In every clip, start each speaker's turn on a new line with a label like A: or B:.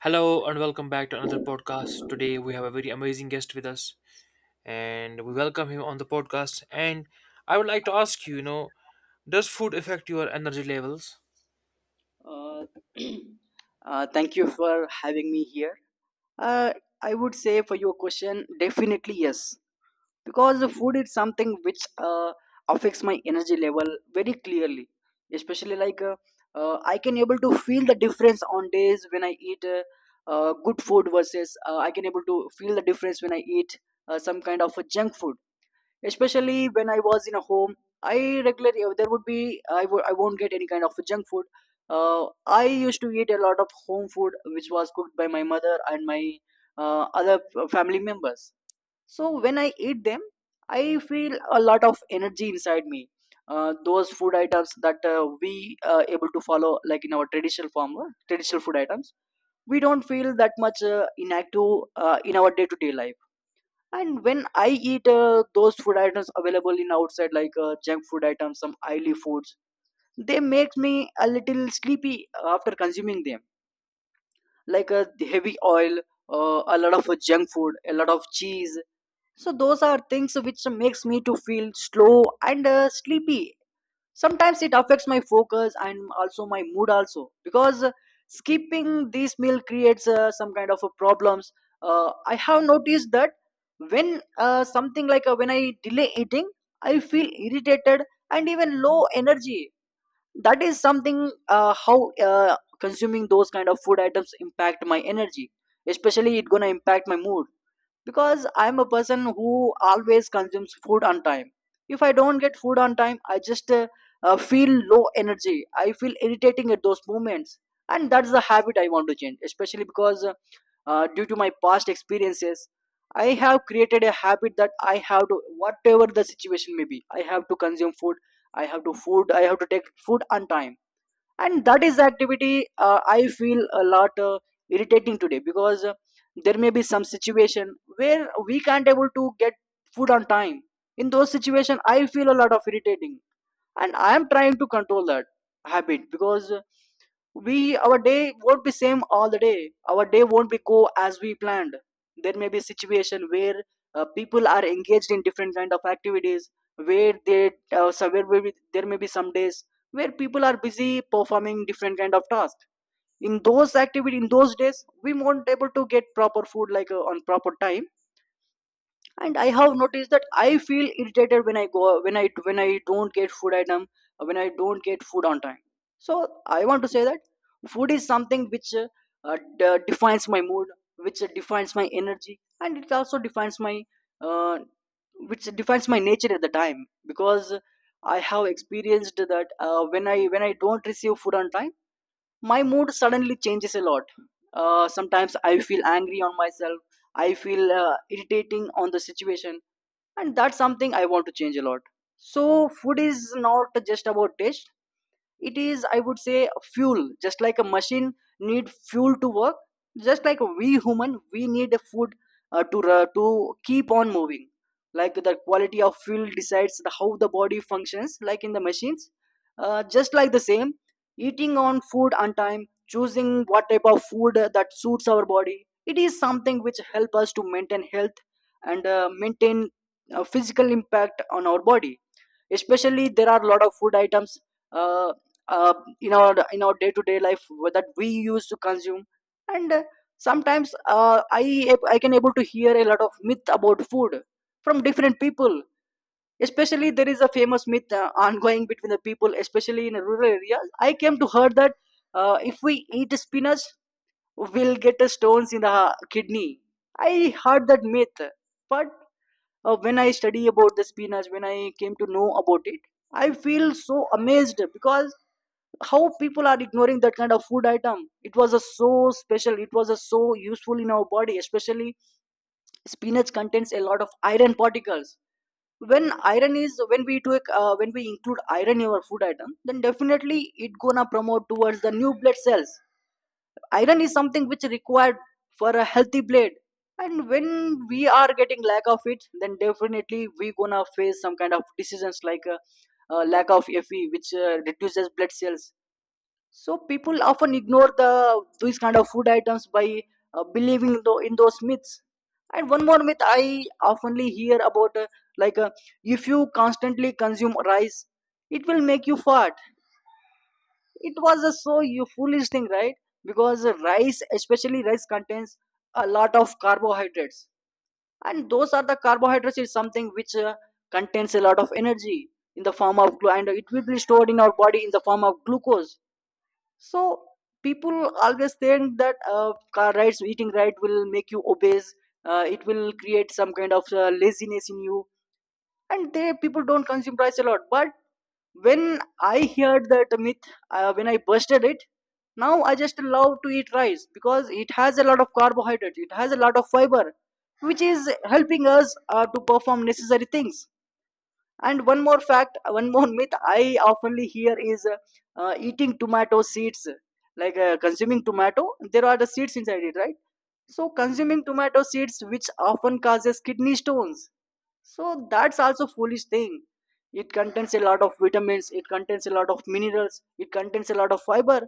A: Hello and welcome back to another podcast. Today we have a very amazing guest with us and we welcome him on the podcast. And I would like to ask you, you know, does food affect your energy levels?
B: Uh, thank you for having me here. Uh, I would say for your question, definitely yes, because the food is something which affects my energy level very clearly. Especially like, I can able to feel the difference on days when I eat good food versus I can able to feel the difference when I eat some kind of a junk food. Especially when I was in a home. I regularly there would be I would I won't get any kind of junk food. I used to eat a lot of home food which was cooked by my mother and my other family members. So when I eat them, I feel a lot of energy inside me. Those food items that we are able to follow like in our traditional form, traditional food items, we don't feel that much inactive in our day-to-day life. And when I eat those food items available in outside, like junk food items, some oily foods, they make me a little sleepy after consuming them, like the heavy oil, a lot of junk food, a lot of cheese. So those are things which makes me to feel slow and sleepy. Sometimes it affects my focus and also my mood also, because skipping this meal creates some kind of a problems. I have noticed that when something like when I delay eating, I feel irritated and even low energy. That is something how consuming those kind of food items impact my energy. Especially it gonna impact my mood, because I'm a person who always consumes food on time. If I don't get food on time, I just feel low energy. I feel irritating at those moments, and that's the habit I want to change, especially because due to my past experiences, I have created a habit that I have to, whatever the situation may be, I have to consume food. I have to food, I have to take food on time. And that is the activity I feel a lot irritating today, because there may be some situation where we can't able to get food on time. In those situation, I feel a lot of irritating, and I am trying to control that habit. Because we, our day won't be same all the day, our day won't be go as we planned. There may be situation where people are engaged in different kind of activities where they, there may be some days where people are busy performing different kind of tasks. In those activity, in those days, we won't able to get proper food, like on proper time. And I have noticed that I feel irritated when I don't get food item, when I don't get food on time. So I want to say that food is something which defines my mood, which defines my energy, and it also defines my uh, which defines my nature at the time. Because I have experienced that when I don't receive food on time, my mood suddenly changes a lot. Sometimes I feel angry on myself, I feel irritating on the situation, and that's something I want to change a lot. So food is not just about taste. It is, I would say, a fuel. Just like a machine need fuel to work, just like we human, we need a food to keep on moving. Like the quality of fuel decides the, how the body functions, like in the machines. Just like the same, eating on food on time, choosing what type of food that suits our body, it is something which help us to maintain health and maintain a physical impact on our body. Especially there are a lot of food items uh, uh, in our day to day life that we used to consume. And sometimes I can able to hear a lot of myth about food from different people. Especially there is a famous myth ongoing between the people, especially in rural areas. I came to heard that if we eat spinach, we'll get stones in the kidney. I heard that myth. But when I study about the spinach, when I came to know about it, I feel so amazed because how people are ignoring that kind of food item. It was a so special, it was a so useful in our body. Especially spinach contains a lot of iron particles. When iron is when we do when we include iron in our food item, then definitely it gonna promote towards the new blood cells. Iron is something which required for a healthy blade. And when we are getting lack of it, then definitely we gonna face some kind of decisions, like lack of Fe, which reduces blood cells. So people often ignore the these kind of food items by believing in those myths. And one more myth I oftenly hear about, like uh, if you constantly consume rice, it will make you fat. It was a so you foolish thing, right? Because rice, especially rice, contains a lot of carbohydrates. And those are the carbohydrates is something which contains a lot of energy in the form of and it will be stored in our body in the form of glucose. So people always think that car rides, eating right, will make you obese. It will create some kind of laziness in you, and they people don't consume rice a lot. But when I heard that myth, when I busted it, now I just love to eat rice, because it has a lot of carbohydrates, it has a lot of fiber, which is helping us to perform necessary things. And one more fact, one more myth I oftenly hear is eating tomato seeds, like consuming tomato, there are the seeds inside it, right? So consuming tomato seeds which often causes kidney stones. So that's also foolish thing. It contains a lot of vitamins, it contains a lot of minerals, it contains a lot of fiber.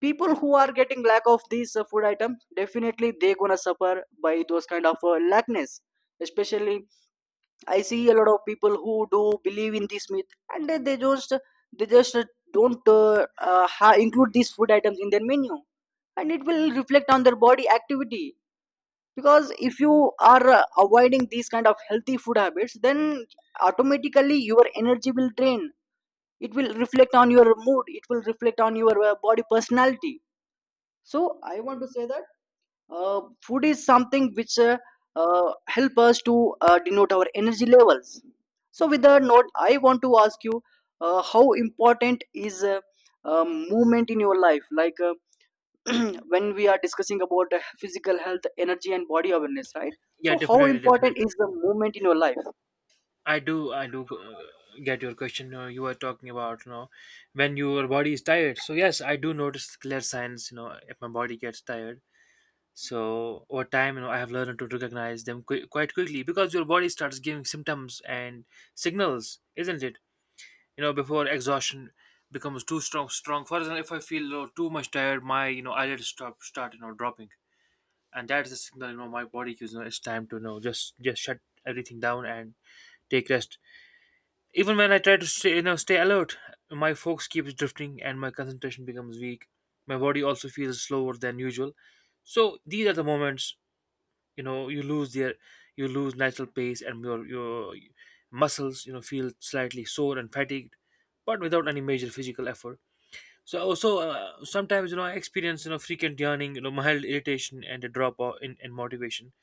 B: People who are getting lack of these food items, definitely they gonna suffer by those kind of lackness. Especially, I see a lot of people who do believe in this myth, and they just don't ha- include these food items in their menu, and it will reflect on their body activity. Because if you are avoiding these kind of healthy food habits, then automatically your energy will drain. It will reflect on your mood, it will reflect on your body personality. So I want to say that uh, food is something which help us to denote our energy levels. So with that note, I want to ask you, how important is movement in your life, like when we are discussing about physical health, energy, and body awareness, right?
A: Yeah,
B: So, how
A: definitely,
B: important
A: definitely.
B: is the movement in your life?
A: I do get your question. You know, you were talking about, you know, when your body is tired. So yes, I do notice clear signs. You know, if my body gets tired. So over time, you know, I have learned to recognize them quite quickly because your body starts giving symptoms and signals, isn't it? You know, before exhaustion becomes too strong. For example, if I feel, you know, too much tired, my, you know, eyelids stop start, you know, dropping, and that is the signal, you know, my body gives. You know, it's time to, you know, just shut everything down and take rest. Even when I try to stay, you know, stay alert, my focus keeps drifting and my concentration becomes weak. My body also feels slower than usual. So these are the moments, you know, you lose their, you lose natural pace, and your muscles, you know, feel slightly sore and fatigued but without any major physical effort. So also, sometimes, you know, I experience, you know, frequent yawning, you know, mild irritation, and a drop in motivation,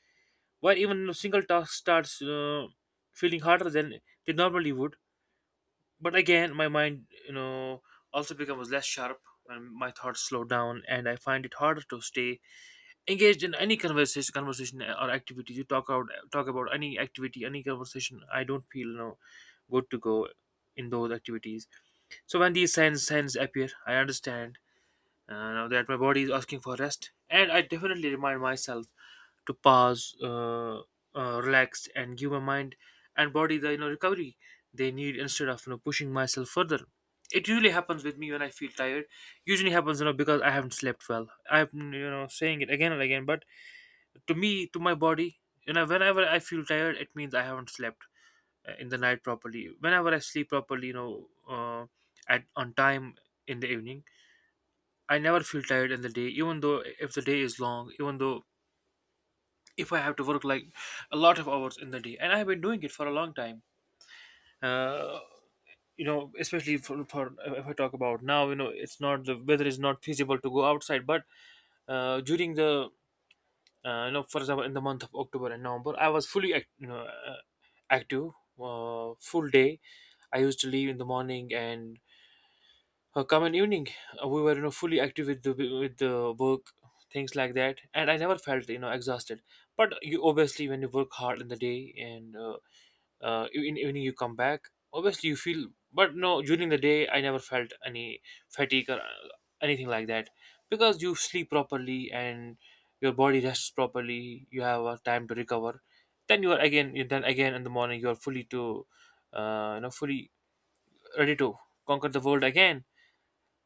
A: while even, you know, single task starts feeling harder than they normally would. But again, my mind, you know, also becomes less sharp, and my thoughts slow down, and I find it harder to stay engaged in any conversation or activity. You talk out, talk about any activity, any conversation, I don't feel, you know, good to go in those activities. So when these signs appear, I understand now that my body is asking for rest, and I definitely remind myself to pause, relax, and give my mind and body the, you know, recovery they need instead of, you know, pushing myself further. It usually happens with me when I feel tired. Usually happens, you know, because I haven't slept well. I'm, you know, saying it again and again, but to me, to my body, you know, whenever I feel tired, it means I haven't slept in the night properly. Whenever I sleep properly, you know, at on time in the evening, I never feel tired in the day, even though if the day is long, even though if I have to work like a lot of hours in the day, and I've been doing it for a long time. uh, you know, especially for, if I talk about now, you know, it's not, the weather is not feasible to go outside. But during the, you know, for example, in the month of October and November, I was fully you know, active, full day. I used to leave in the morning and come in evening. We were, you know, fully active with the work, things like that, and I never felt, you know, exhausted. But you obviously, when you work hard in the day and in evening you come back, obviously you feel. But no, during the day I never felt any fatigue or anything like that, because you sleep properly and your body rests properly, you have a time to recover. Then you are again, you then again in the morning you are fully to, you know, fully ready to conquer the world again.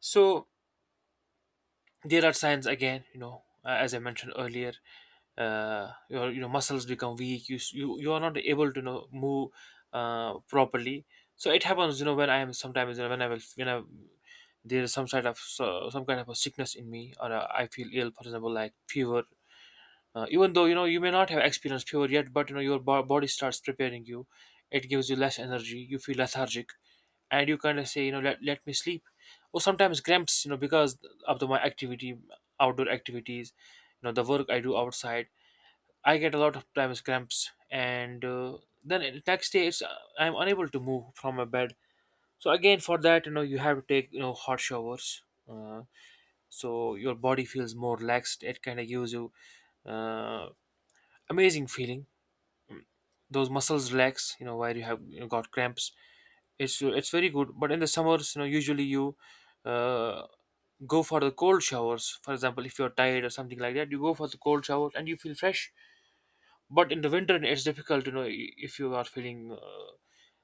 A: So there are signs again, you know, as I mentioned earlier, your, you know, muscles become weak. You you, you are not able to, you know, move properly. So it happens, you know, when I am sometimes, you know, when I will, when I, there is some sort of so, some kind of a sickness in me, or I feel ill, for example, like fever. Even though, you know, you may not have experienced fever yet, but you know your body starts preparing you. It gives you less energy, you feel lethargic, and you kind of say, you know, let me sleep. Or sometimes cramps, you know, because of the, my activity, outdoor activities, you know, the work I do outside. I get a lot of times cramps, and then in next day it's, I'm unable to move from my bed. So again, for that, you know, you have to take, you know, hot showers. Uh, so your body feels more relaxed. It kind of gives you uh, amazing feeling. Mm. Those muscles relax, you know, where you have, you know, got cramps. It's very good. But in the summers, you know, usually you, Uh, go for the cold showers. For example, if you're tired or something like that, you go for the cold showers and you feel fresh. But in the winter, it's difficult to know. If you are feeling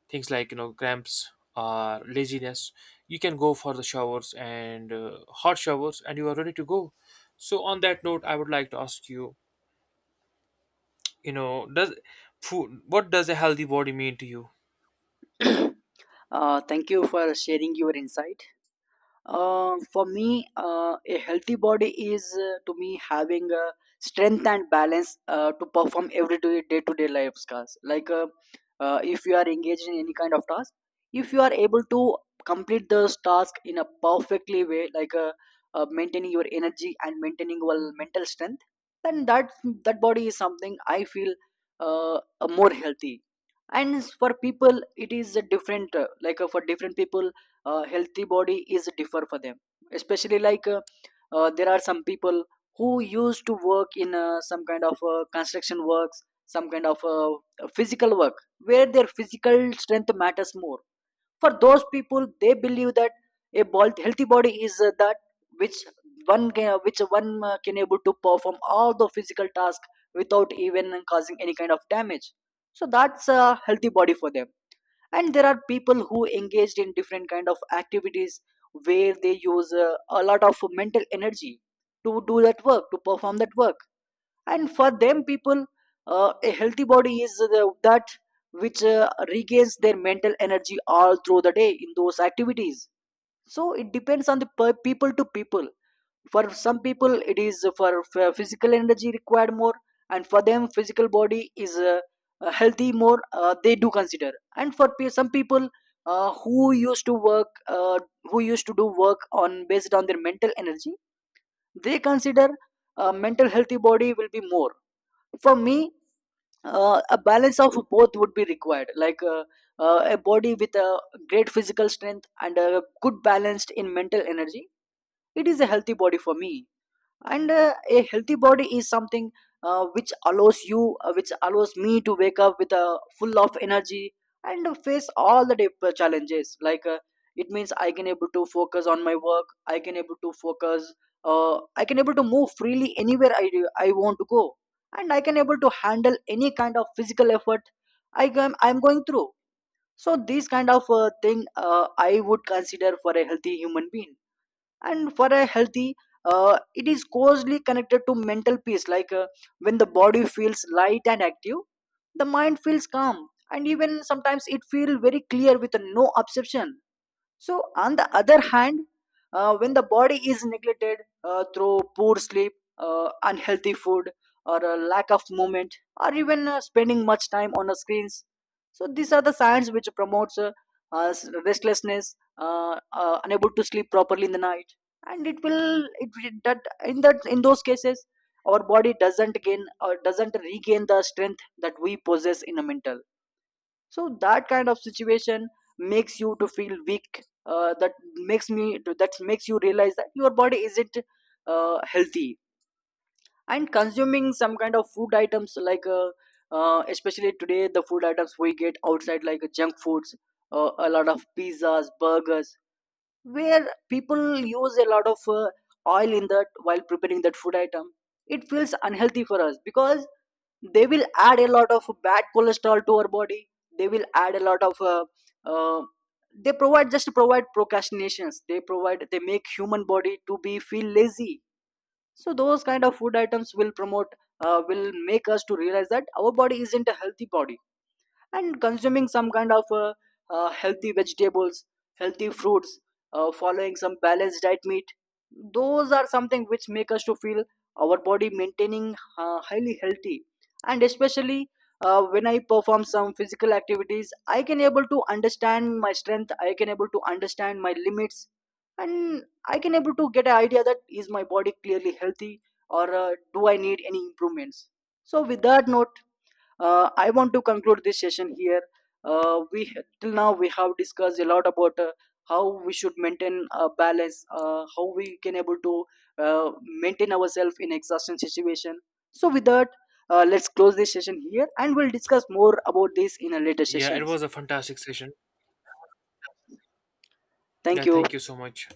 A: things like, you know, cramps or laziness, you can go for the showers and, hot showers, and you are ready to go. So on that note, I would like to ask you, you know, does food, what does a healthy body mean to you?
B: thank you for sharing your insight. For me, a healthy body is, to me, having strength and balance to perform every day to day life tasks. Like if you are engaged in any kind of task, if you are able to complete those task in a perfectly way, like maintaining your energy and maintaining your mental strength, then that body is something I feel uh, more healthy. And for people, it is a different. Like for different people, healthy body is differ for them, especially like there are some people who used to work in some kind of construction works, some kind of physical work where their physical strength matters more. For those people, they believe that healthy body is that which which one can able to perform all the physical tasks without even causing any kind of damage. So that's a healthy body for them. And there are people who engaged in different kind of activities where they use a lot of mental energy to do that work, to perform that work. And for them people, a healthy body is the, that which regains their mental energy all through the day in those activities. So it depends on the people to people. For some people, it is for physical energy required more, and for them physical body is healthy more, they do consider. And for some people, who used to work who used to do work on based on their mental energy, they consider a mental healthy body will be more. For me, a balance of both would be required, like a body with a great physical strength and a good balanced in mental energy, it is a healthy body for me. And a healthy body is something which allows you, which allows me to wake up with a full of energy and face all the day challenges. It means I can able to focus on my work, I can able to focus, I can able to move freely anywhere I do, I want to go, and I can able to handle any kind of physical effort I'm going through. So this kind of thing I would consider for a healthy human being. And for a healthy, it is closely connected to mental peace. When the body feels light and active, the mind feels calm, and even sometimes it feels very clear with no obsession. So on the other hand, when the body is neglected through poor sleep, unhealthy food, or a lack of movement, or even spending much time on the screens, so these are the signs which promotes uh, restlessness, unable to sleep properly in the night. And that in that, in those cases, our body doesn't gain or doesn't regain the strength that we possess in a mental. So that kind of situation makes you to feel weak, that makes me that makes you realize that your body isn't healthy. And consuming some kind of food items like especially today, the food items we get outside like junk foods, a lot of pizzas, burgers, where people use a lot of oil in that while preparing that food item, it feels unhealthy for us because they will add a lot of bad cholesterol to our body. They will add a lot of uh, they provide just provide procrastinations, they provide, they make human body to be feel lazy. So those kind of food items will promote, will make us to realize that our body isn't a healthy body. And consuming some kind of healthy vegetables, healthy fruits, following some balanced diet meat, those are something which make us to feel our body maintaining highly healthy. And especially when I perform some physical activities, I can able to understand my strength, I can able to understand my limits, and I can able to get an idea that is my body clearly healthy, or do I need any improvements. So with that note, I want to conclude this session here. We Till now, we have discussed a lot about how we should maintain a balance, how we can able to uh, maintain ourselves in exhaustion situation. So with that, let's close this session here and we'll discuss more about this in a later
A: Yeah, it
B: sessions.
A: was a fantastic session.
B: Thank
A: Yeah,
B: you.
A: thank you so much.